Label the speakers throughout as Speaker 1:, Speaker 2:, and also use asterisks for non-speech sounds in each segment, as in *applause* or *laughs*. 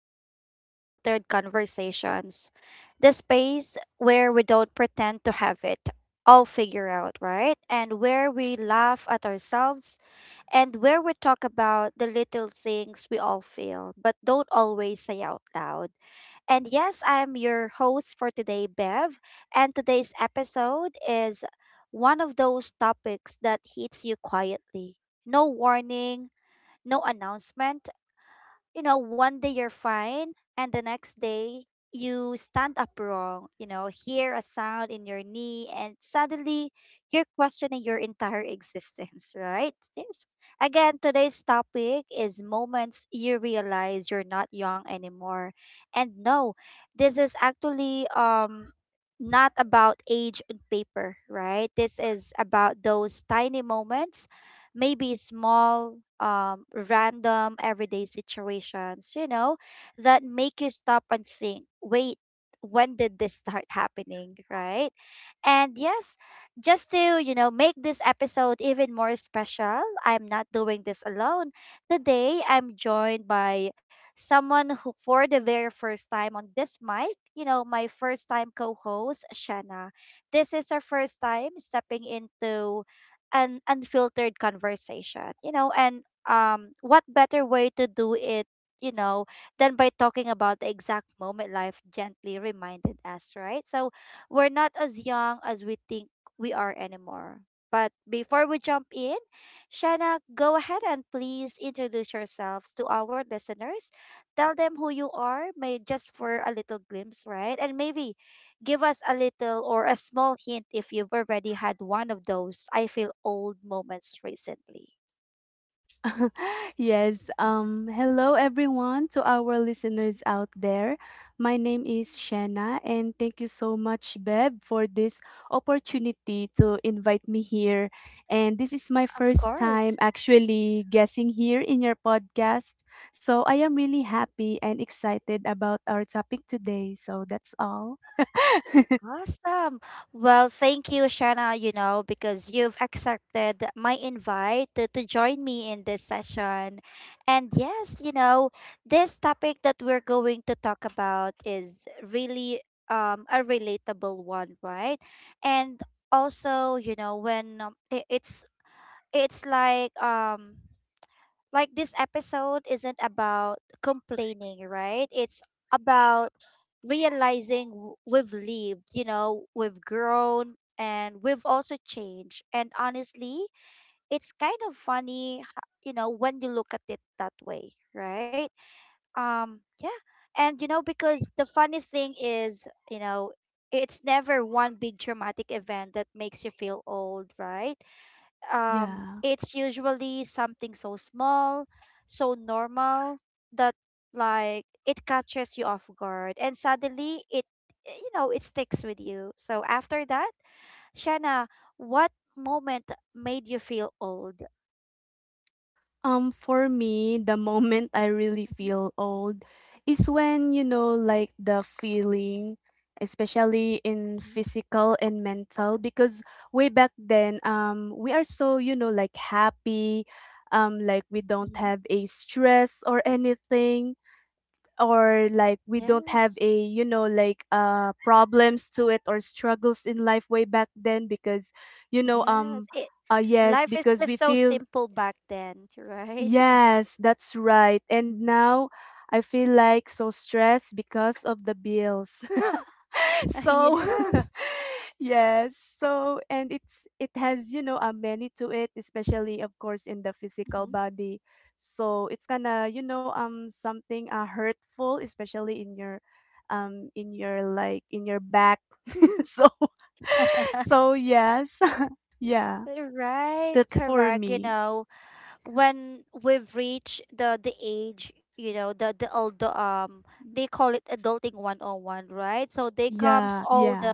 Speaker 1: to Unfiltered Conversations, the space where we don't pretend to have it all figured out, right? And where we laugh at ourselves and where we talk about the little things we all feel but don't always say out loud. And yes, I'm your host for today, Bev. And today's episode is one of those topics that hits you quietly. No warning, no announcement, you know, one day you're fine and the next day you stand up wrong, you know, hear a sound in your knee and suddenly you're questioning your entire existence, *laughs* right? This again, today's topic is moments you realize you're not young anymore. And no, this is actually not about age on paper, right? This is about those tiny moments, maybe small, random, everyday situations, you know, that make you stop and think, wait, when did this start happening, right? And yes, just to, you know, make this episode even more special, I'm not doing this alone. Today, I'm joined by someone who, for the very first time on this mic, you know, my first time co host, Shanna. This is her first time stepping into an unfiltered conversation, you know, and what better way to do it, you know, than by talking about the exact moment life gently reminded us, right? So, we're not as young as we think we are anymore. But before we jump in, Shanna, go ahead and please introduce yourselves to our listeners. Tell them who you are, may just for a little glimpse, right? And maybe give us a little or a small hint if you've already had one of those I feel old moments recently.
Speaker 2: *laughs* Yes.
Speaker 1: Mhm.
Speaker 2: Hello everyone to our listeners out there. My name is Shanna, and thank you so much, Beb, for this opportunity to invite me here. And this is my
Speaker 1: Of
Speaker 2: first time
Speaker 1: course.
Speaker 2: actually guessing here in your podcast. So I am really happy and excited about our topic today. So that's all.
Speaker 1: Awesome. Well, thank you, Shana, you know, because you've accepted my invite to, join me in this session. And yes, you know, this topic that we're going to talk about is really a relatable one, right? And also, you know, when it, it's like this episode isn't about complaining, right? It's about realizing we've lived, you know, we've grown and we've also changed. And honestly, it's kind of funny, you know, when you look at it that way, right? Yeah. And you know, because the funny thing is, you know, it's never one big traumatic event that makes you feel old, right?
Speaker 2: *laughs* Yeah.
Speaker 1: It's usually something so small, so normal that like it catches you off guard and suddenly it, you know, it sticks with you. So after that, Shanna, what moment made you feel old?
Speaker 2: For me, the moment I really
Speaker 1: Mhm,
Speaker 2: feel old is when, you know, like the feeling, especially in
Speaker 1: mhm,
Speaker 2: physical and mental, because way back then, we are so, you know, like happy, like we don't
Speaker 1: mhm.
Speaker 2: have a stress or anything, or like we don't have
Speaker 1: Yes,
Speaker 2: a, you know, like problems to it or struggles in life way back then because, you know,
Speaker 1: yes.
Speaker 2: um
Speaker 1: It
Speaker 2: yes,
Speaker 1: life is
Speaker 2: because we
Speaker 1: just so
Speaker 2: feel.
Speaker 1: simple back then, right?
Speaker 2: Yes, that's right. And now I feel like so stressed because of the bills. *laughs*
Speaker 1: *laughs*
Speaker 2: So. *laughs*
Speaker 1: yes.
Speaker 2: Yes, so and it's it has, you know, a many to it, especially of course in the physical
Speaker 1: Mhm.
Speaker 2: body. So it's kind of, you know, something hurtful, especially in your back. *laughs* So. *laughs* So yes. *laughs* Yeah,
Speaker 1: Right,
Speaker 2: that's for
Speaker 1: correct. You
Speaker 2: me.
Speaker 1: know, when we've reached the age, you know, the old, they call it adulting 101, right? So they
Speaker 2: Yeah,
Speaker 1: comes
Speaker 2: yeah.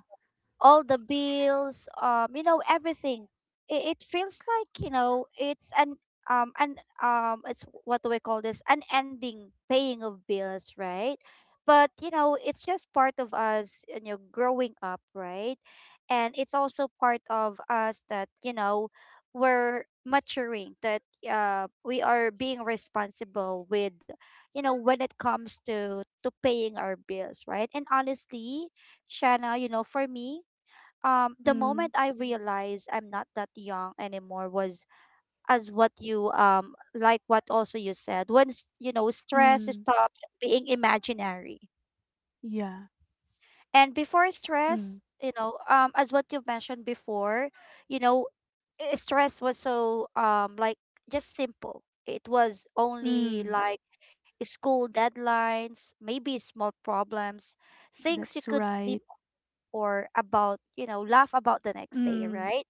Speaker 1: all the bills, you know, everything. It feels like, you know, it's an um an it's what do we call this? An ending paying of bills, right? But you know, it's just part of us, you know, growing up, right? And it's also part of us that, you know, we're maturing, that we are being responsible with, you know, when it comes to paying our bills, right? And honestly, Shanna, you know, for me, the
Speaker 2: Mm.
Speaker 1: moment I realized I'm not that young anymore was as what you like what also you said when you know, stress
Speaker 2: Mm,
Speaker 1: stopped being imaginary.
Speaker 2: yeah.
Speaker 1: And before stress,
Speaker 2: Mm,
Speaker 1: you know, as what you mentioned before, you know, stress was so, like, just simple. It was only
Speaker 2: mm,
Speaker 1: like school deadlines, maybe small problems, things you
Speaker 2: that's
Speaker 1: could sleep
Speaker 2: right.
Speaker 1: or about, you know, laugh about the next day,
Speaker 2: Mm,
Speaker 1: right?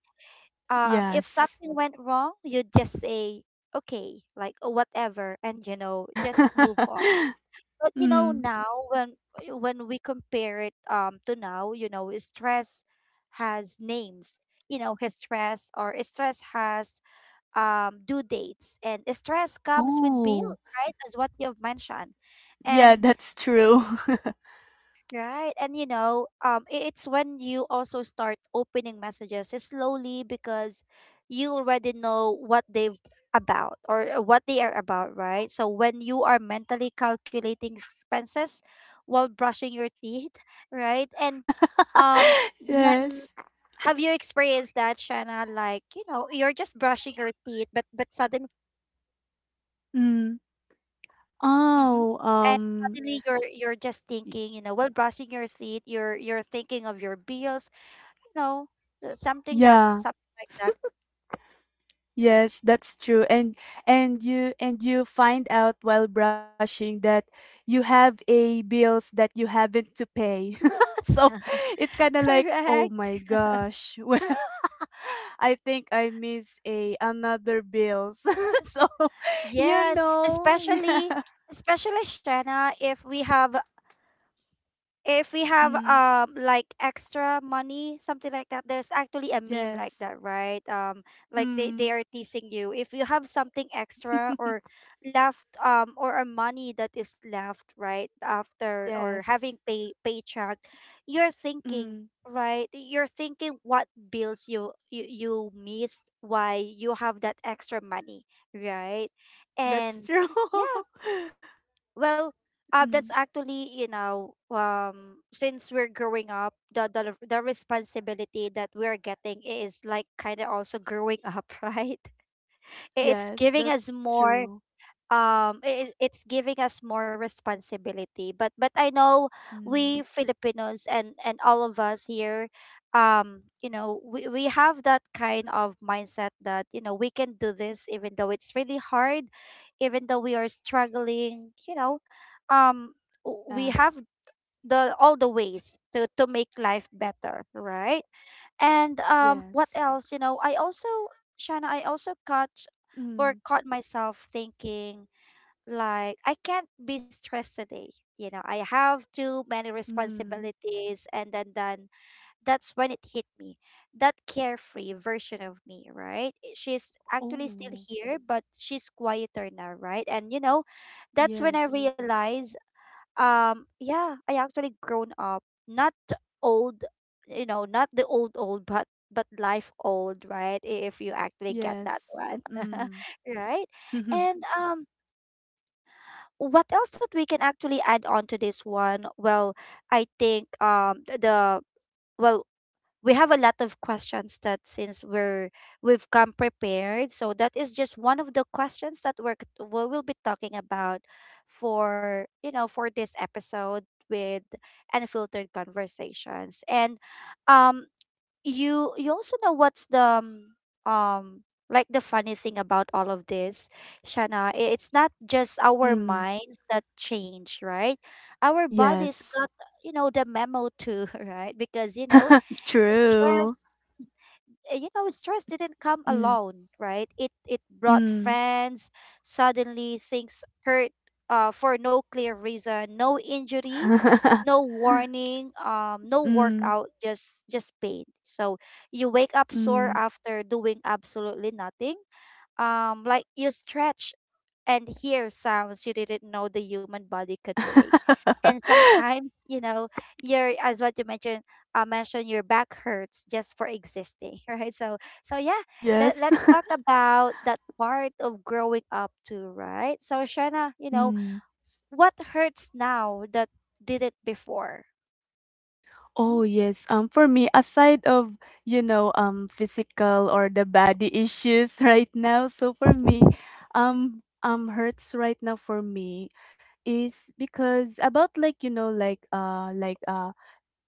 Speaker 1: If
Speaker 2: yes.
Speaker 1: something went wrong, you just say okay, like, "Oh, whatever," and you know, just move
Speaker 2: *laughs*
Speaker 1: on. But you know,
Speaker 2: Mm,
Speaker 1: now when we compare it to now, you know, stress has names. You know, his stress or stress has due dates, and stress comes with
Speaker 2: oh,
Speaker 1: bills, right, as what you've mentioned.
Speaker 2: yeah,
Speaker 1: And
Speaker 2: that's true.
Speaker 1: right. And you know, it's when you also start opening messages slowly because you already know what they've about, or what they are about, right? So when you are mentally calculating expenses while brushing your teeth, *laughs* right? And um
Speaker 2: *laughs* Yes.
Speaker 1: when have you experienced that, Shanna? Like, you know, you're just brushing your teeth, but suddenly,
Speaker 2: Mm,
Speaker 1: hmm,
Speaker 2: oh,
Speaker 1: and suddenly you're just
Speaker 2: y-
Speaker 1: thinking, you know, while brushing your teeth, you're thinking of your bills, you know, something that
Speaker 2: yeah.
Speaker 1: something like that.
Speaker 2: Yes, that's true. And you find out while brushing that you have a bills that you haven't to pay. *laughs* So it's kind
Speaker 1: *laughs*
Speaker 2: of like, "Oh my
Speaker 1: Correct.
Speaker 2: gosh. *laughs* Well, I think I miss a another bills." *laughs* So.
Speaker 1: Yes, especially,
Speaker 2: Yeah.
Speaker 1: especially Shanna, if we have, if we have
Speaker 2: Mm,
Speaker 1: like extra money, something like that. There's actually a meme like
Speaker 2: yes.
Speaker 1: that, right? Like they
Speaker 2: Mm.
Speaker 1: they are teasing you if you have something extra or
Speaker 2: *laughs*
Speaker 1: left, or a money that is left right after or having
Speaker 2: Yes.
Speaker 1: pay paycheck, you're thinking,
Speaker 2: Mm,
Speaker 1: right? You're thinking what bills you, you, you missed, why you have that extra money, right?
Speaker 2: that's
Speaker 1: And
Speaker 2: true.
Speaker 1: yeah.
Speaker 2: *laughs*
Speaker 1: Well,
Speaker 2: Mm,
Speaker 1: that's actually, you know, since we're growing up, the responsibility that we're getting is like kind of also growing up, *laughs* right? It's
Speaker 2: yes,
Speaker 1: giving
Speaker 2: that's
Speaker 1: us
Speaker 2: true.
Speaker 1: more it, it's giving us more responsibility. But I know
Speaker 2: Mm,
Speaker 1: we filipinos and all of us here, you know, we have that kind of mindset that, you know, we can do this even though it's really hard, even though we are struggling, you know, um we
Speaker 2: yeah.
Speaker 1: have the all the ways to make life better, right? And what
Speaker 2: Yes.
Speaker 1: else, you know, I also, Shana, I also catch
Speaker 2: Mm.
Speaker 1: or caught myself thinking like, I can't be stressed today. You know, I have too many
Speaker 2: Mm.
Speaker 1: responsibilities, and then that's when it hit me. That carefree version of me, right? She's actually still
Speaker 2: Oh.
Speaker 1: here, but she's quieter now, right? And you know, that's when I
Speaker 2: Yes.
Speaker 1: realize, yeah, I actually grown up. Not old, you know, not the old old, but life old, right? If you actually get that
Speaker 2: Yes.
Speaker 1: one. *laughs*
Speaker 2: Mm.
Speaker 1: right?
Speaker 2: *laughs*
Speaker 1: And what else that we can actually add on to this one? Well, I think the, well, we have a lot of questions that since we're we've come prepared, so that is just one of the questions that we're we will be talking about for, you know, for this episode with unfiltered conversations. And um you, you also know what's the um, like the funny thing about all of this, Shana, it's not just our
Speaker 2: Mm.
Speaker 1: minds that change, right? Our bodies
Speaker 2: Yes.
Speaker 1: got, you know, the memo too, *laughs* right? Because you know,
Speaker 2: *laughs*
Speaker 1: stress,
Speaker 2: True.
Speaker 1: you know, stress didn't come
Speaker 2: Mm.
Speaker 1: alone, right? It brought
Speaker 2: Mm.
Speaker 1: friends. Suddenly things hurt, for no clear reason. No injury,
Speaker 2: *laughs*
Speaker 1: no warning, no
Speaker 2: Mm.
Speaker 1: workout, just pain. So you wake up sore
Speaker 2: Mm.
Speaker 1: after doing absolutely nothing, like you stretch and hear sounds you didn't know the human body could make.
Speaker 2: *laughs*
Speaker 1: And sometimes, you know, your as what you mentioned, your back hurts just for existing, *laughs* right? So, so yeah, let,
Speaker 2: Yes.
Speaker 1: let's
Speaker 2: *laughs*
Speaker 1: talk about that part of growing up too, right? So, Shana, you know,
Speaker 2: Mm.
Speaker 1: what hurts now that did it before?
Speaker 2: Oh
Speaker 1: Mm.
Speaker 2: yes. For me, aside of, you know, physical or the body issues, *laughs* right now, so for me
Speaker 1: *laughs*
Speaker 2: hurts right now, for me, is because about like you know like uh like uh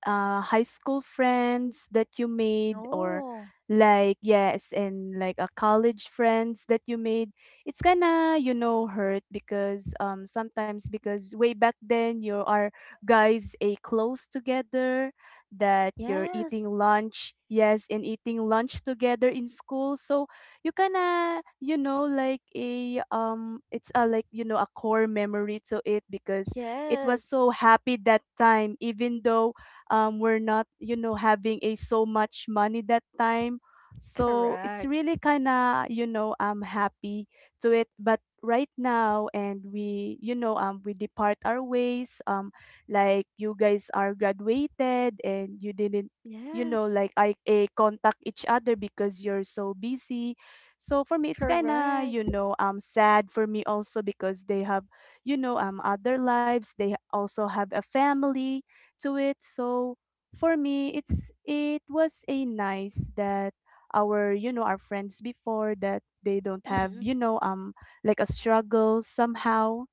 Speaker 2: uh, high school friends that you made, or
Speaker 1: oh,
Speaker 2: like yes, and like a college friends that you made. It's gonna, you know, hurt because sometimes, because way back then you are guys a close together, that you're
Speaker 1: yes,
Speaker 2: eating lunch, yes, and eating lunch together in school. So you kinda, you know, like a, it's a like, you know, a core memory to it, because it was
Speaker 1: yes,
Speaker 2: so happy that time, even though, we're not, you know, having a so much money that time. So it's
Speaker 1: correct.
Speaker 2: really kind of, you know, I'm happy to it, but right now and we you know we depart our ways, like you guys are graduated and you didn't, you know,
Speaker 1: Yes,
Speaker 2: like I a contact each other because you're so busy. So for me it's kind of, you
Speaker 1: correct.
Speaker 2: know, sad for me also, because they have, you know, other lives, they also have a family to it. So for me, it was a nice that our, you know, our friends before, that they don't have,
Speaker 1: Mhm.
Speaker 2: you know, like a struggle somehow.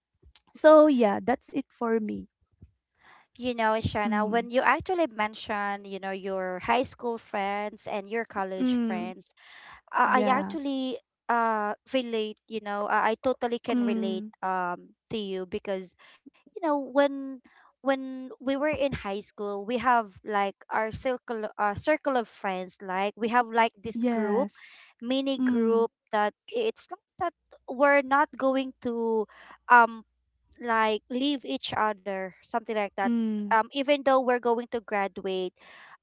Speaker 2: So yeah, that's it for me.
Speaker 1: You know, Shana,
Speaker 2: Mm.
Speaker 1: when you actually mention, you know, your high school friends and your college
Speaker 2: Mm.
Speaker 1: friends, I
Speaker 2: Yeah.
Speaker 1: actually relate, you know, I totally can relate
Speaker 2: Mm.
Speaker 1: to you because, you know, when we were in high school, we have like our circle, circle of friends, like we have like this group,
Speaker 2: Yes.
Speaker 1: mini
Speaker 2: Mm.
Speaker 1: group, that it's not that we're not going to um like leave each other something like that.
Speaker 2: Mm.
Speaker 1: Even though we're going to graduate,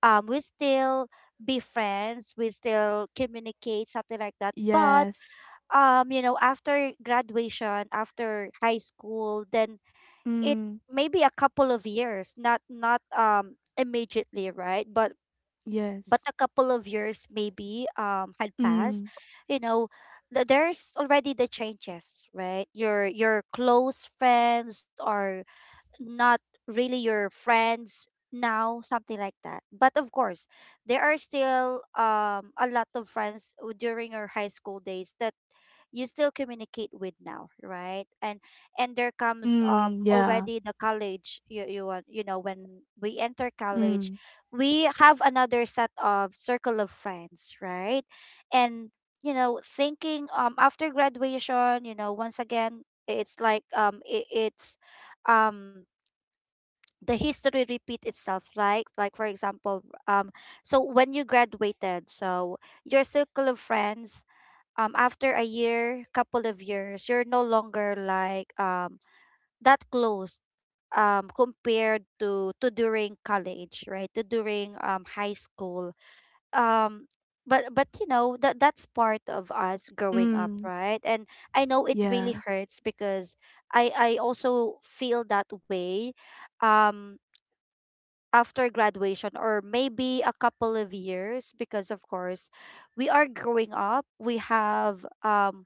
Speaker 1: we still be friends, we still communicate something like that. But
Speaker 2: Yes.
Speaker 1: you know, after graduation, after high school, then it
Speaker 2: Mm.
Speaker 1: maybe a couple of years, not immediately, right, but
Speaker 2: Yes.
Speaker 1: a couple of years maybe had passed,
Speaker 2: Mm.
Speaker 1: you know, there's already the changes, right? Your close friends are
Speaker 2: S-
Speaker 1: not really your friends now, something like that. But of course, there are still a lot of friends during your high school days that you still communicate with now, right? And there comes
Speaker 2: Mm. Yeah.
Speaker 1: already the college you, you want, you know, when we enter
Speaker 2: Mm.
Speaker 1: college, we have another set of circle of friends, right? And you know, thinking after graduation, you know, once again it's like it, it's um the history repeat itself, like for example, so when you graduated, so your circle of friends, after a year, couple of years, you're no longer like that close, compared to during college, right, to during high school, um but you know, that that's part of us growing up,
Speaker 2: Mm.
Speaker 1: right? And I know it
Speaker 2: Yeah.
Speaker 1: really hurts because I also feel that way um after graduation or maybe a couple of years because of course we are growing up we have um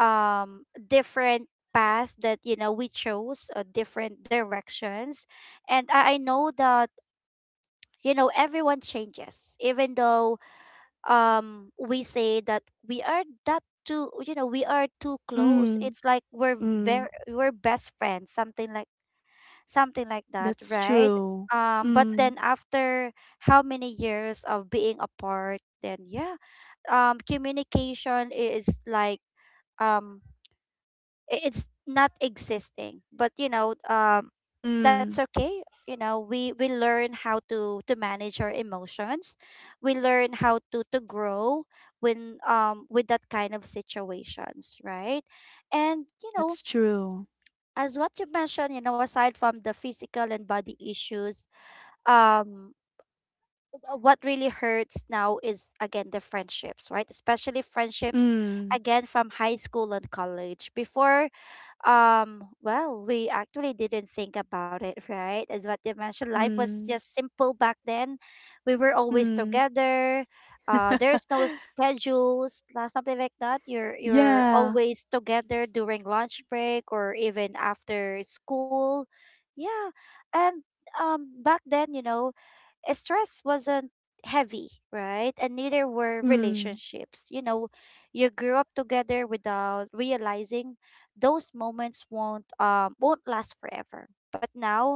Speaker 1: um different path that you know we chose different directions and I know that you know everyone changes even though we say that we are that too you know we are too close
Speaker 2: Mm.
Speaker 1: it's like we're very
Speaker 2: Mm.
Speaker 1: we're best friends something like that,
Speaker 2: That's
Speaker 1: right?
Speaker 2: true.
Speaker 1: But
Speaker 2: Mm,
Speaker 1: then after how many years of being apart, then yeah, communication is like um, it's not existing. But you know, that's
Speaker 2: mm,
Speaker 1: okay. You know, we learn how to manage our emotions. We learn how to grow when with that kind of situations, right? And you know,
Speaker 2: that's true.
Speaker 1: as what you mentioned, you know, aside from the physical and body issues, um what really hurts now is again the friendships, right? Especially friendships
Speaker 2: Mm,
Speaker 1: again from high school and college before. Well, we actually didn't think about it *laughs* right? As what you mentioned, life was
Speaker 2: mm,
Speaker 1: just simple back then. We were always
Speaker 2: mm.
Speaker 1: together. There's no
Speaker 2: *laughs*
Speaker 1: schedules something like that. You're
Speaker 2: Yeah.
Speaker 1: always together during lunch break or even after school. Yeah. And back then, you know, stress wasn't heavy, right? And neither were
Speaker 2: Mm,
Speaker 1: relationships. You know, you grew up together without realizing those moments won't last forever. But now,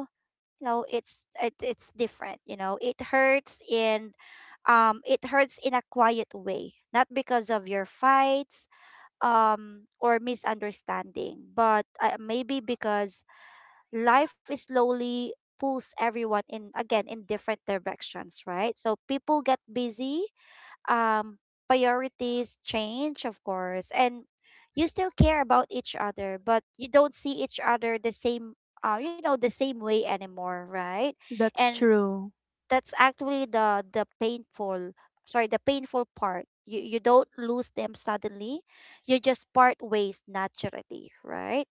Speaker 1: you know, it's different. You know, it hurts and it hurts in a quiet way, not because of your fights or misunderstanding, but maybe because life is slowly pulls everyone in again in different directions, right? So people get busy, um priorities change of course, and you still care about each other but you don't see each other the same, you know, the same way anymore, right?
Speaker 2: that's
Speaker 1: And
Speaker 2: true.
Speaker 1: that's actually the painful sorry the painful part. You don't lose them suddenly, you just part ways naturally, right?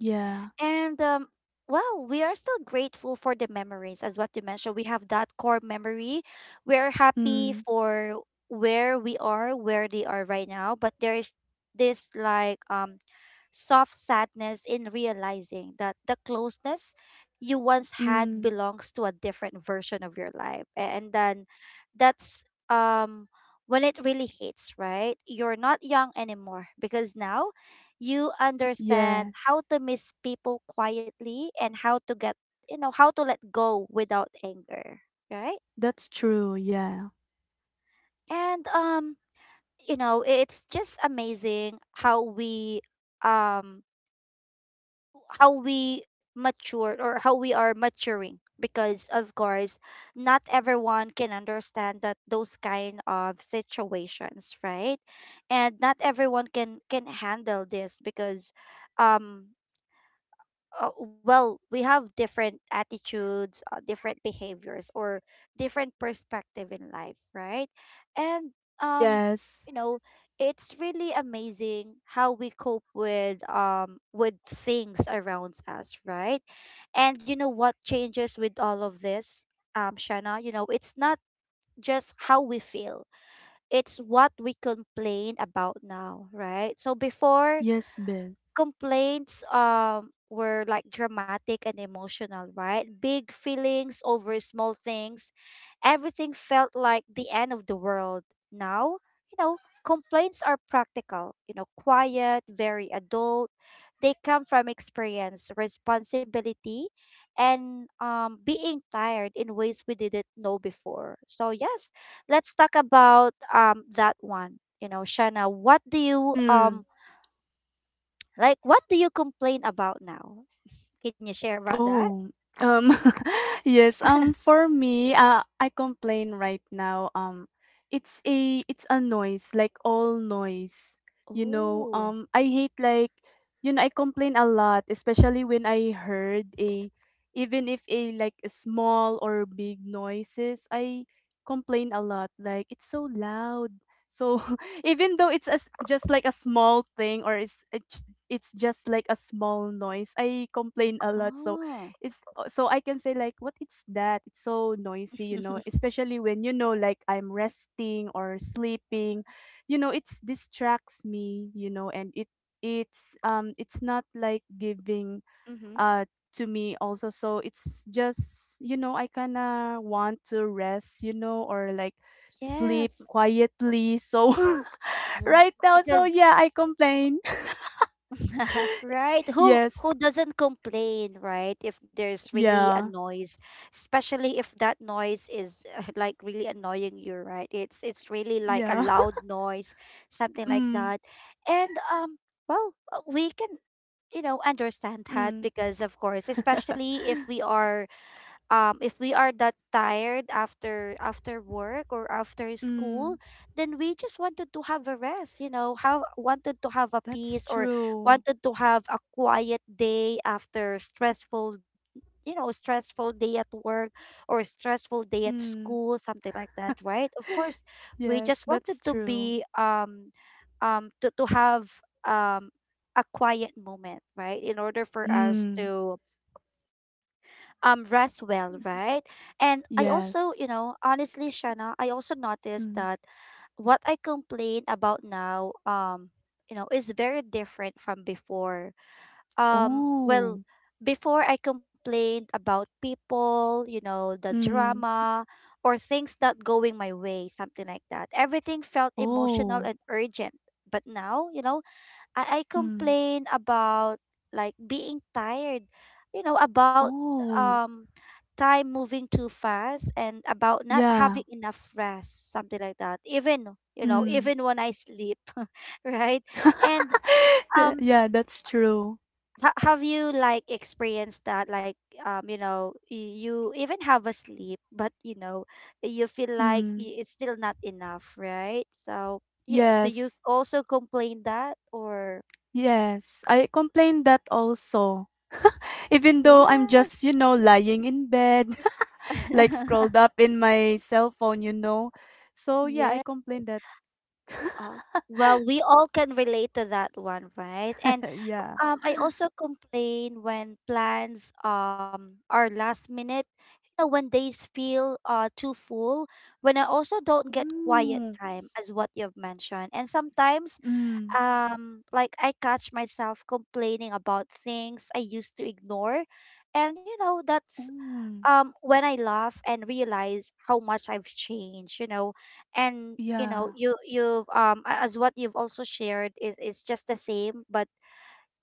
Speaker 2: Yeah.
Speaker 1: And well, we are still grateful for the memories, as what you mentioned. We have that core memory. We're happy
Speaker 2: Mm,
Speaker 1: for where we are, where they are right now, but there is this like soft sadness in realizing that the closeness you once had
Speaker 2: mm,
Speaker 1: belongs to a different version of your life. And then that's um when it really hits, right? You're not young anymore because now you understand how
Speaker 2: yes.
Speaker 1: to miss people quietly and how to get, you know, how to let go without anger, right?
Speaker 2: That's true. Yeah.
Speaker 1: And you know it's just amazing um how we mature or how we are maturing because of course not everyone can understand that those kind of situations, right? And not everyone can handle this because um well, we have different attitudes, different behaviors, or different perspective in life, right? And um,
Speaker 2: Yes.
Speaker 1: you know, it's really amazing how we cope with things around us, right? And you know what changes with all of this, Shanna? You know, it's not just how we feel; it's what we complain about now, right? So before,
Speaker 2: Yes, babe.
Speaker 1: complaints were like dramatic and emotional, right? Big feelings over small things. Everything felt like the end of the world. Now, you know, complaints are practical, you know, quiet, very adult. They come from experience, responsibility, and being tired in ways we didn't know before. So, yes, let's talk about that one. You know, Shanna, what do you
Speaker 2: Mm.
Speaker 1: like, what do you complain about now? Can you share about that?
Speaker 2: Oh, um, *laughs* yes.
Speaker 1: *laughs*
Speaker 2: For me, I complain right now. It's a noise, like all noise. You know,
Speaker 1: Oh,
Speaker 2: I hate, like, you know, I complain a lot, especially when I heard a, even if a like a small or big noises, I complain a lot. Like it's so loud. So *laughs* even though it's as just like a small thing, or it's just like a small noise, I complain a lot. So
Speaker 1: oh,
Speaker 2: it's so I can say like, what is that? It's so noisy, you know,
Speaker 1: *laughs*
Speaker 2: especially when you know like I'm resting or sleeping, you know, it's distracts me, you know, and it's not like giving
Speaker 1: Mm-hmm.
Speaker 2: to me also, so it's just, you know, I kind of want to rest, you know, or like sleep
Speaker 1: Yes.
Speaker 2: quietly, so. *laughs*
Speaker 1: r-
Speaker 2: Right now, so
Speaker 1: Because
Speaker 2: yeah, I complain.
Speaker 1: *laughs* right,
Speaker 2: *laughs*
Speaker 1: who
Speaker 2: Yes.
Speaker 1: who doesn't complain, right? If there's really a
Speaker 2: Yeah,
Speaker 1: noise, especially if that noise is *laughs* like really annoying you, right? It's really like a
Speaker 2: yeah.
Speaker 1: loud noise, something
Speaker 2: *laughs*
Speaker 1: like
Speaker 2: Mm,
Speaker 1: that. And well, we can you know understand that
Speaker 2: mm,
Speaker 1: because of course especially if we are that tired after after work or after school,
Speaker 2: mm.
Speaker 1: then we just wanted to have a rest, you know, have wanted to have a
Speaker 2: That's
Speaker 1: peace, or
Speaker 2: true.
Speaker 1: wanted to have a quiet day after stressful, you know, stressful day at work or stressful day at
Speaker 2: Hmm. *gasps*
Speaker 1: school, something like that, right? Of course
Speaker 2: *laughs*
Speaker 1: we
Speaker 2: Yes,
Speaker 1: just wanted
Speaker 2: that's
Speaker 1: to
Speaker 2: true.
Speaker 1: be to have um a quiet moment, right, in order for us
Speaker 2: Hmm.
Speaker 1: to rest well, right? And I also, you
Speaker 2: Yes.
Speaker 1: know, honestly, Shana, I also noticed
Speaker 2: Mm.
Speaker 1: that what I complain about now, you know, is very different from before. Well,
Speaker 2: Oh.
Speaker 1: before I complained about people, you know, the
Speaker 2: Hmm.
Speaker 1: drama or things not going my way, something like that. Everything felt emotional
Speaker 2: Oh.
Speaker 1: and urgent. But now, you know, I
Speaker 2: Hmm.
Speaker 1: complain about like being tired, you know, about
Speaker 2: Oh.
Speaker 1: um time moving too fast and about not
Speaker 2: Yeah.
Speaker 1: having enough rest, something like that. Even, you know,
Speaker 2: Hmm.
Speaker 1: even when I sleep, *laughs* right? And
Speaker 2: *laughs*
Speaker 1: um
Speaker 2: Yeah, that's true.
Speaker 1: have you like experienced that like you know you even have a sleep but you know you feel like
Speaker 2: Mm.
Speaker 1: it's still not enough, right? So, yeah, do you
Speaker 2: Yes.
Speaker 1: also complain that or
Speaker 2: Yes, I complained that also. Even though I'm
Speaker 1: Yes,
Speaker 2: just, you know, lying in bed, *laughs* like
Speaker 1: *laughs*
Speaker 2: scrolled up in my cell phone. So yeah, I
Speaker 1: yeah.
Speaker 2: complained that.
Speaker 1: Uh, Well, we all can relate to that one, right? And
Speaker 2: *laughs* Yeah.
Speaker 1: I also complain when plans are last minute. You know, when days feel too full, when I also don't get quiet
Speaker 2: Mm.
Speaker 1: time, as what you've mentioned. And sometimes
Speaker 2: Mm.
Speaker 1: like I catch myself complaining about things I used to ignore, and you know that's
Speaker 2: Mm.
Speaker 1: when I laugh and realize how much I've changed, you know, and you know,
Speaker 2: Yeah.
Speaker 1: as what you've also shared is just the same, but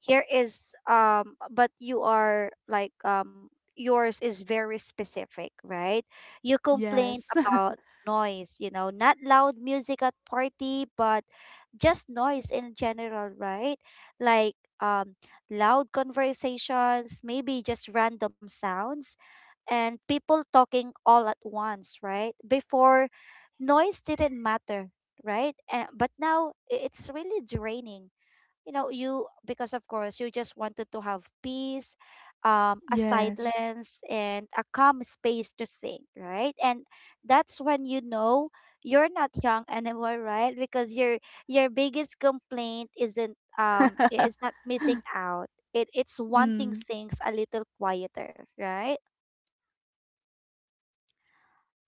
Speaker 1: here is but you are like yours is very specific, right? You complain
Speaker 2: Yes. *laughs*
Speaker 1: about noise, you know, not loud music at party, but just noise in general, right? Like um, loud conversations, maybe just random sounds, and people talking all at once, right? Before, noise didn't matter, right? And, but now it's really draining, you know, you, because of course you just wanted to have peace, a
Speaker 2: Yes.
Speaker 1: silence and a calm space to think, right? And that's when you know you're not young anymore, right, because your biggest complaint isn't it's
Speaker 2: *laughs*
Speaker 1: not missing out, it's wanting
Speaker 2: Mm.
Speaker 1: things a little quieter, right?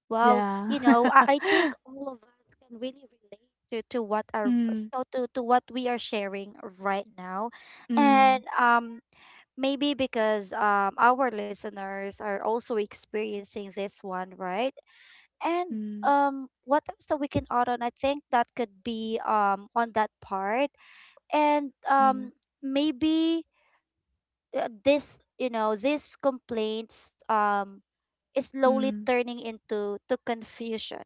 Speaker 1: Well,
Speaker 2: Yeah.
Speaker 1: you know I think
Speaker 2: *laughs*
Speaker 1: all of us can really relate to what are you
Speaker 2: Mm.
Speaker 1: know to what we are sharing right now. And
Speaker 2: Mm.
Speaker 1: maybe because our listeners are also experiencing this one, right? And
Speaker 2: Mm.
Speaker 1: what else that we can add on? I think that could be on that part. And
Speaker 2: Mm.
Speaker 1: maybe this, you know, these complaints is slowly
Speaker 2: Mm.
Speaker 1: turning into to confusion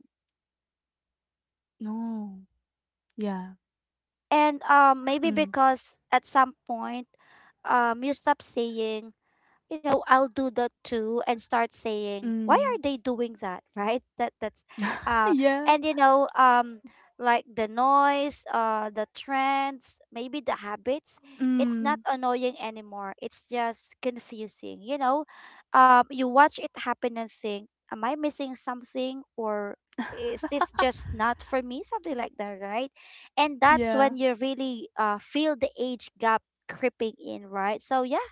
Speaker 2: No. Yeah.
Speaker 1: and maybe
Speaker 2: Mm.
Speaker 1: because at some point you stop saying, you know, I'll do that too and start saying, why are
Speaker 2: Mm.
Speaker 1: they doing that? *laughs* Right? That's
Speaker 2: *laughs*
Speaker 1: uh
Speaker 2: Yeah.
Speaker 1: and you know, like the noise, the trends, maybe the habits, it's not
Speaker 2: Mm.
Speaker 1: annoying anymore. It's just confusing. You know, you watch it happen and think, am I missing something or is this just not for me? Something like that, right? And that's
Speaker 2: Yeah.
Speaker 1: when you really feel the age gap creeping in, right? So yeah,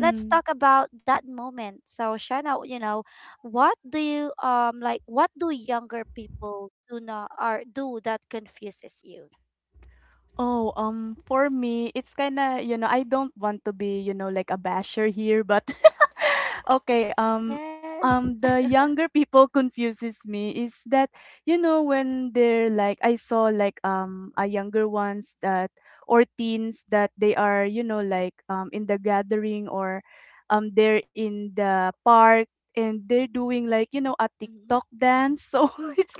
Speaker 1: let's talk about that moment. So Shana, you know, what do you like what do younger people do not or do that confuses you?
Speaker 2: Oh, for me, it's kinda, you know, I don't want to be, you know, like a basher here, but *laughs* okay,
Speaker 1: Yes. *laughs*
Speaker 2: the younger people confuses me is that, you know, when they're like, I saw, like, a younger ones that, or teens that they are, you know, like, in the gathering, or, they're in the park and they're doing like, you know, a
Speaker 1: Hmm.
Speaker 2: TikTok dance. *laughs* So it's,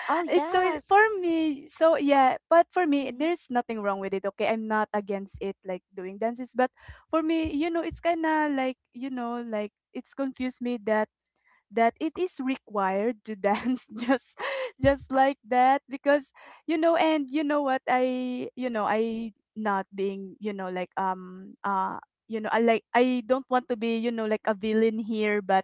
Speaker 1: Oh yes.
Speaker 2: for me, so yeah, but for me,
Speaker 1: Hmm.
Speaker 2: there's nothing wrong with it. Okay, I'm not against it, like doing dances, but for me, you know, it's kind of like, you know, like it's confused me that it is required to dance, *laughs* just like that, because you know, and you know what, I not being, you know, like you know, I like, I don't want to be, you know, like a villain here, but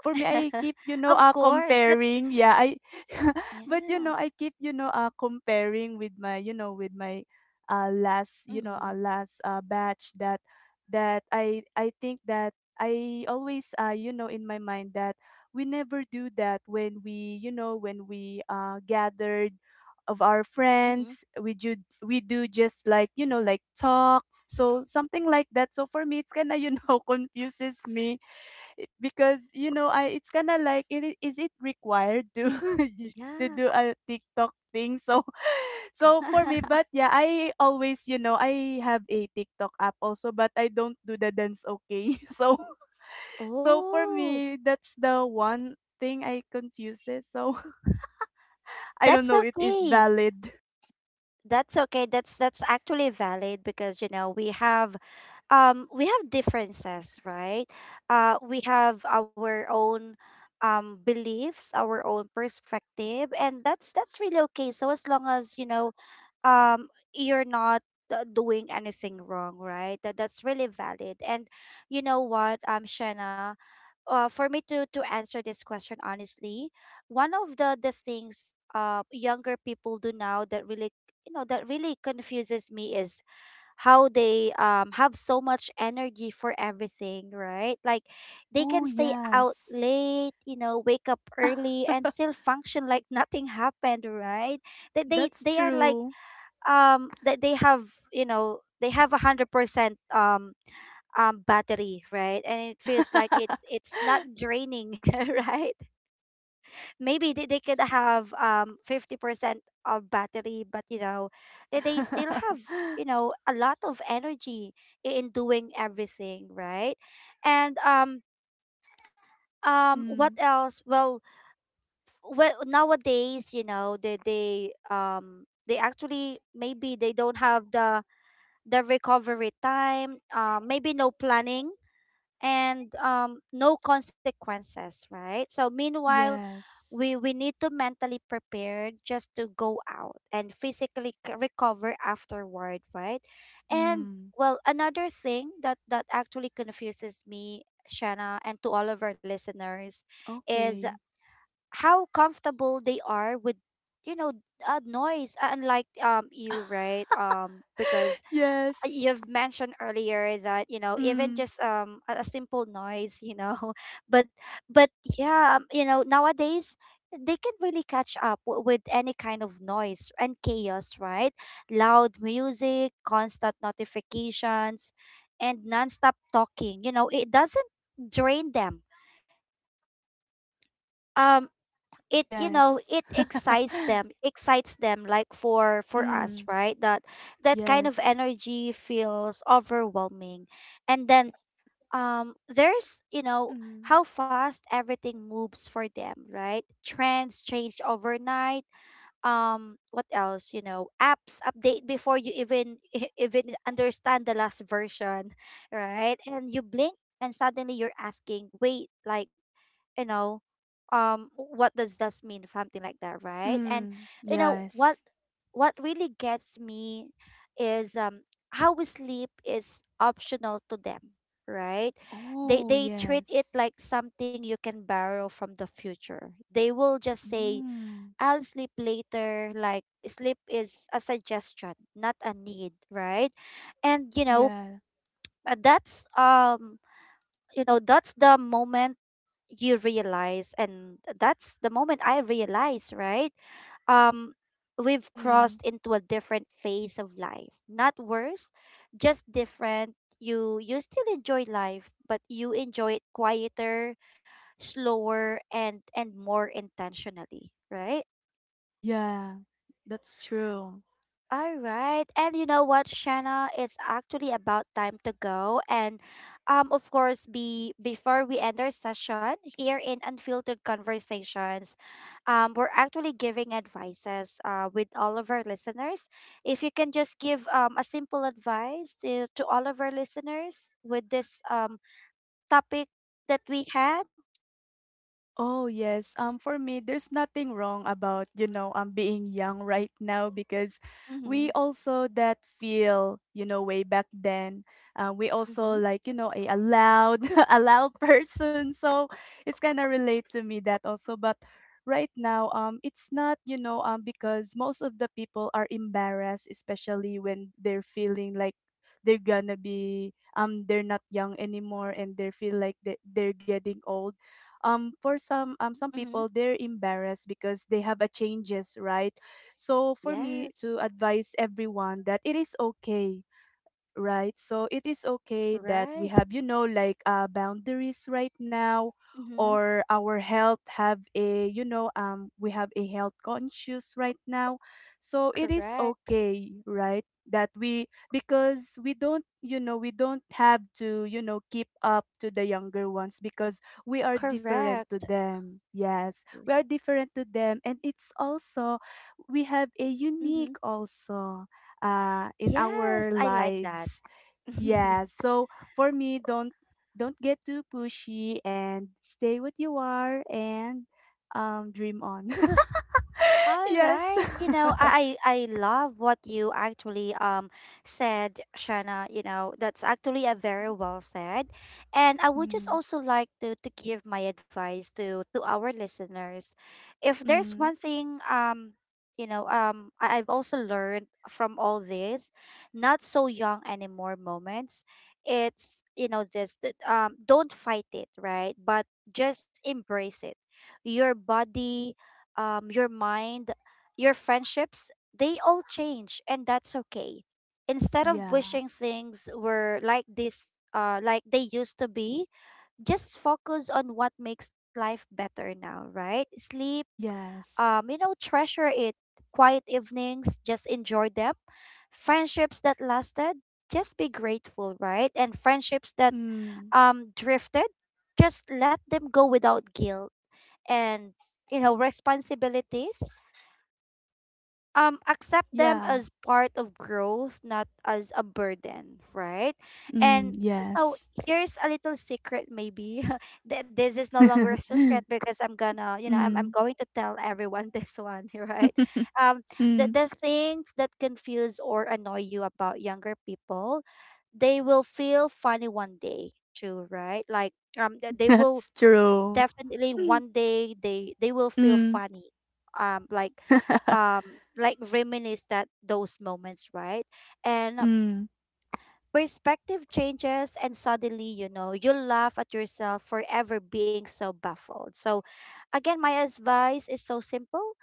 Speaker 2: for me I keep, you
Speaker 1: Of
Speaker 2: know,
Speaker 1: course. That's
Speaker 2: comparing, yeah, I. *laughs* But you
Speaker 1: yeah.
Speaker 2: know, I keep, you know, comparing with my, you know, with my last, you know,
Speaker 1: Hmm.
Speaker 2: last batch, that I think that I always, you know, in my mind, that we never do that when we you know when we gathered of our
Speaker 1: Hmm.
Speaker 2: friends, we do, just like, you know, like talk, so something like that. So for me it's kind of, you know, *laughs* confuses me, because you know I it's kind of like it, is it required to *laughs* to
Speaker 1: Yeah.
Speaker 2: do a TikTok thing, so *laughs* so for me, but
Speaker 1: *laughs*
Speaker 2: yeah I always, you know, I have a TikTok app also, but I don't do the dance, okay. *laughs* So so for
Speaker 1: Oh,
Speaker 2: me, that's the one thing I confuses. So *laughs* I don't
Speaker 1: that's
Speaker 2: know it is
Speaker 1: okay.
Speaker 2: valid.
Speaker 1: That's okay. That's actually valid because you know we have differences, right? We have our own beliefs, our own perspective, and that's really okay. So as long as you know, um, you're not doing anything wrong, right? That that's really valid. And you know what, Shanna, for me to answer this question honestly, one of the things younger people do now that really you know that really confuses me is how they have so much energy for everything, right? Like they
Speaker 2: Oh
Speaker 1: can stay out
Speaker 2: yes.
Speaker 1: late, you know, wake up early and
Speaker 2: *laughs*
Speaker 1: still function like nothing happened, right? That
Speaker 2: That's
Speaker 1: they are like
Speaker 2: true.
Speaker 1: that they have, you know, they have 100% battery, right? And it feels like it's
Speaker 2: *laughs*
Speaker 1: not draining, *laughs* right? Maybe they could
Speaker 2: Yes.
Speaker 1: have 50% of battery, but you know, they still have,
Speaker 2: *laughs*
Speaker 1: you know, a lot of energy in doing everything, right? And what
Speaker 2: Mm,
Speaker 1: else? Well, well nowadays, you know, they actually maybe they don't have the recovery time, maybe no planning and no consequences, right? So meanwhile,
Speaker 2: yes.
Speaker 1: we need to mentally prepare just to go out and physically recover afterward, right? And
Speaker 2: Mm,
Speaker 1: well, another thing that actually confuses me, Shanna, and to all of our listeners, is
Speaker 2: okay.
Speaker 1: how comfortable they are with you know noise, unlike you, right? Because
Speaker 2: Yes.
Speaker 1: you've mentioned earlier that, you know, even
Speaker 2: Mm,
Speaker 1: just a simple noise, you know, *laughs* but but yeah, you know, nowadays they can really catch up with any kind of noise and chaos, right? Loud music, constant notifications, and nonstop talking, you know, it doesn't drain them. Um, it, you know,
Speaker 2: yes.
Speaker 1: it
Speaker 2: *laughs*
Speaker 1: excites them, excites them like for us,
Speaker 2: Mm,
Speaker 1: right? That that kind of
Speaker 2: yes.
Speaker 1: energy feels overwhelming. And then there's, you know,
Speaker 2: Mm,
Speaker 1: how fast everything moves for them, right? Trends changed overnight. What else You know, apps update before you even *laughs* even understand the last version, *laughs* right? And you blink and suddenly you're asking, wait, like, you know what does this mean, something like that, right? And
Speaker 2: mm,
Speaker 1: you know what
Speaker 2: yes.
Speaker 1: what really gets me is, how we sleep is optional to them, right? they
Speaker 2: Oh,
Speaker 1: they treat it
Speaker 2: yes.
Speaker 1: like something you can borrow from the future. They will just say,
Speaker 2: Mm,
Speaker 1: I'll sleep later, like sleep is a suggestion, not a need, right? And you know,
Speaker 2: yeah.
Speaker 1: uh, that's um that's the moment you realize, and that's the moment I realize, right? um we've
Speaker 2: Mm.
Speaker 1: crossed into a different phase of life. Not worse, just different. You still enjoy life, but you enjoy it quieter, slower, and more intentionally, right?
Speaker 2: Yeah, that's true.
Speaker 1: All right. And you know what, Shanna? It's actually about time to go. And of course, be before we end our session here in Unfiltered Conversations, we're actually giving advices with all of our listeners. If you can just give a simple advice to all of our listeners with this topic that we had.
Speaker 2: Oh yes. For me, there's nothing wrong about, you know, being young right now, because
Speaker 1: Mm-hmm.
Speaker 2: we also that feel, you know, way back then. We also
Speaker 1: Mm-hmm.
Speaker 2: like, you know, a loud *laughs* a loud person. So it's kind of relate to me that also, but right now it's not, you know, because most of the people are embarrassed, especially when they're feeling like they're gonna be, they're not young anymore and they feel like they're getting old, for some, some
Speaker 1: Mm-hmm.
Speaker 2: people they're embarrassed because they have a changes, right? So for me
Speaker 1: Yes.
Speaker 2: to advise everyone that it is okay, right? So it is okay that we
Speaker 1: Right.
Speaker 2: have, you know, like boundaries right now,
Speaker 1: Mm-hmm.
Speaker 2: or our health have a, you know, we have a health conscious right now. So it is
Speaker 1: Correct.
Speaker 2: okay, right? That we, because we don't have to, you know, keep up to the younger ones, because we are different
Speaker 1: Correct.
Speaker 2: to them. Yes, we are different to them. And it's also, we have a
Speaker 1: Mm-hmm.
Speaker 2: unique also in
Speaker 1: Yes,
Speaker 2: our
Speaker 1: I like that.
Speaker 2: lives.
Speaker 1: *laughs*
Speaker 2: Yeah. So for me, don't get too pushy and stay what you are, and dream on. *laughs*
Speaker 1: All
Speaker 2: Yes.
Speaker 1: right. You know,
Speaker 2: *laughs*
Speaker 1: I love what you actually said, Shanna. You know, that's actually a very well said. And I would just
Speaker 2: Mm,
Speaker 1: also like to give my advice to our listeners. If there's
Speaker 2: mm,
Speaker 1: one thing, I've also learned from all this not so young anymore moments, it's, you know, this that, don't fight it, right, but just embrace it. Your body, your mind, your friendships, they all change, and that's okay. Instead of
Speaker 2: yeah.
Speaker 1: wishing things were like this, like they used to be, just focus on what makes life better now, right? Sleep, you
Speaker 2: Yes.
Speaker 1: know, treasure it. Quiet evenings, just enjoy them. Friendships that lasted, just be grateful, right? And friendships that
Speaker 2: Mm,
Speaker 1: drifted, just let them go without guilt. And you know, responsibilities, accept them
Speaker 2: yeah.
Speaker 1: as part of growth, not as a burden, right?
Speaker 2: Mm,
Speaker 1: And you know,
Speaker 2: yes.
Speaker 1: here's a little secret, maybe. *laughs* This is no longer a
Speaker 2: *laughs*
Speaker 1: secret because I'm gonna, you know, I'm
Speaker 2: Mm,
Speaker 1: going to tell everyone *laughs* this one, right? um
Speaker 2: *laughs*
Speaker 1: the,
Speaker 2: mm,
Speaker 1: the things that confuse or annoy you about younger people, they will feel funny one day too, right? Like they will
Speaker 2: that's true.
Speaker 1: definitely one
Speaker 2: Mm.
Speaker 1: day they will feel
Speaker 2: Mm.
Speaker 1: funny, um like
Speaker 2: *laughs*
Speaker 1: um like reminisce that those moments, right? And
Speaker 2: Mm.
Speaker 1: perspective changes, and suddenly, you know, you'll laugh at yourself for ever being so baffled. So, again, my advice is so simple.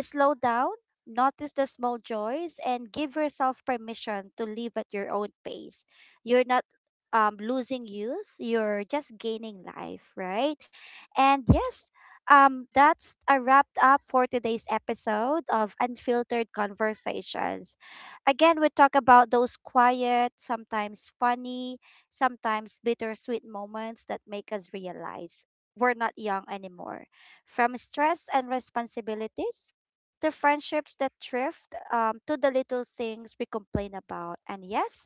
Speaker 1: Slow down, notice the small joys, and give yourself permission to live at your own pace. You're not, losing youth, you're just gaining life, right? And yes, that's a wrapped up for today's episode of Unfiltered Conversations. Again, we talk about those quiet, sometimes funny, sometimes bittersweet moments that make us realize we're not young anymore. From stress and responsibilities to friendships that drift, to the little things we complain about. And yes,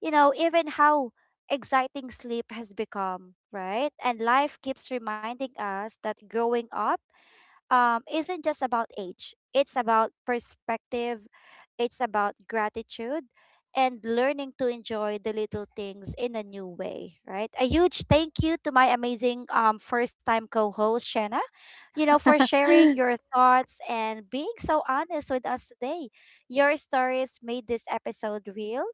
Speaker 1: you know, even how exciting sleep has become, right? And life keeps reminding us that growing up, isn't just about age. It's about perspective, it's about gratitude, and learning to enjoy the little things in a new way, right? A huge thank you to my amazing, first time co host, Shanna, you know, for sharing
Speaker 2: *laughs*
Speaker 1: your thoughts and being so honest with us today. Your stories made this episode real.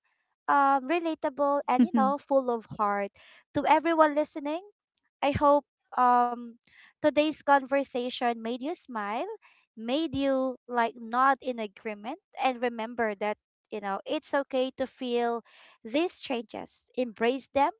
Speaker 1: Relatable, and you know, full of heart. To everyone listening, I hope, um today's conversation made you smile, made you like nod in agreement and remember that, you know, it's okay to feel these changes. Embrace them,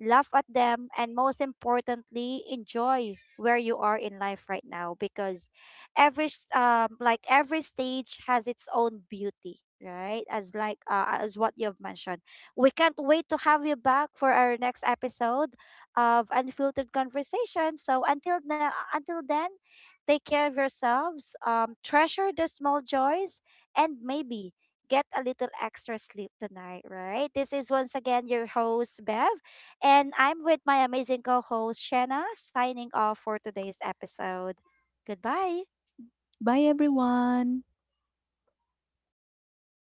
Speaker 1: laugh at them, and most importantly, enjoy where you are in life right now, because like every stage has its own beauty, right? As like, as what you've mentioned. We can't wait to have you back for our next episode of Unfiltered Conversation. So until now, until then, take care of yourselves, treasure the small joys, and maybe get a little extra sleep tonight, right? This is once again your host, Bev. And I'm with my amazing co host, Shanna, signing off for today's episode. Goodbye.
Speaker 2: Bye, everyone.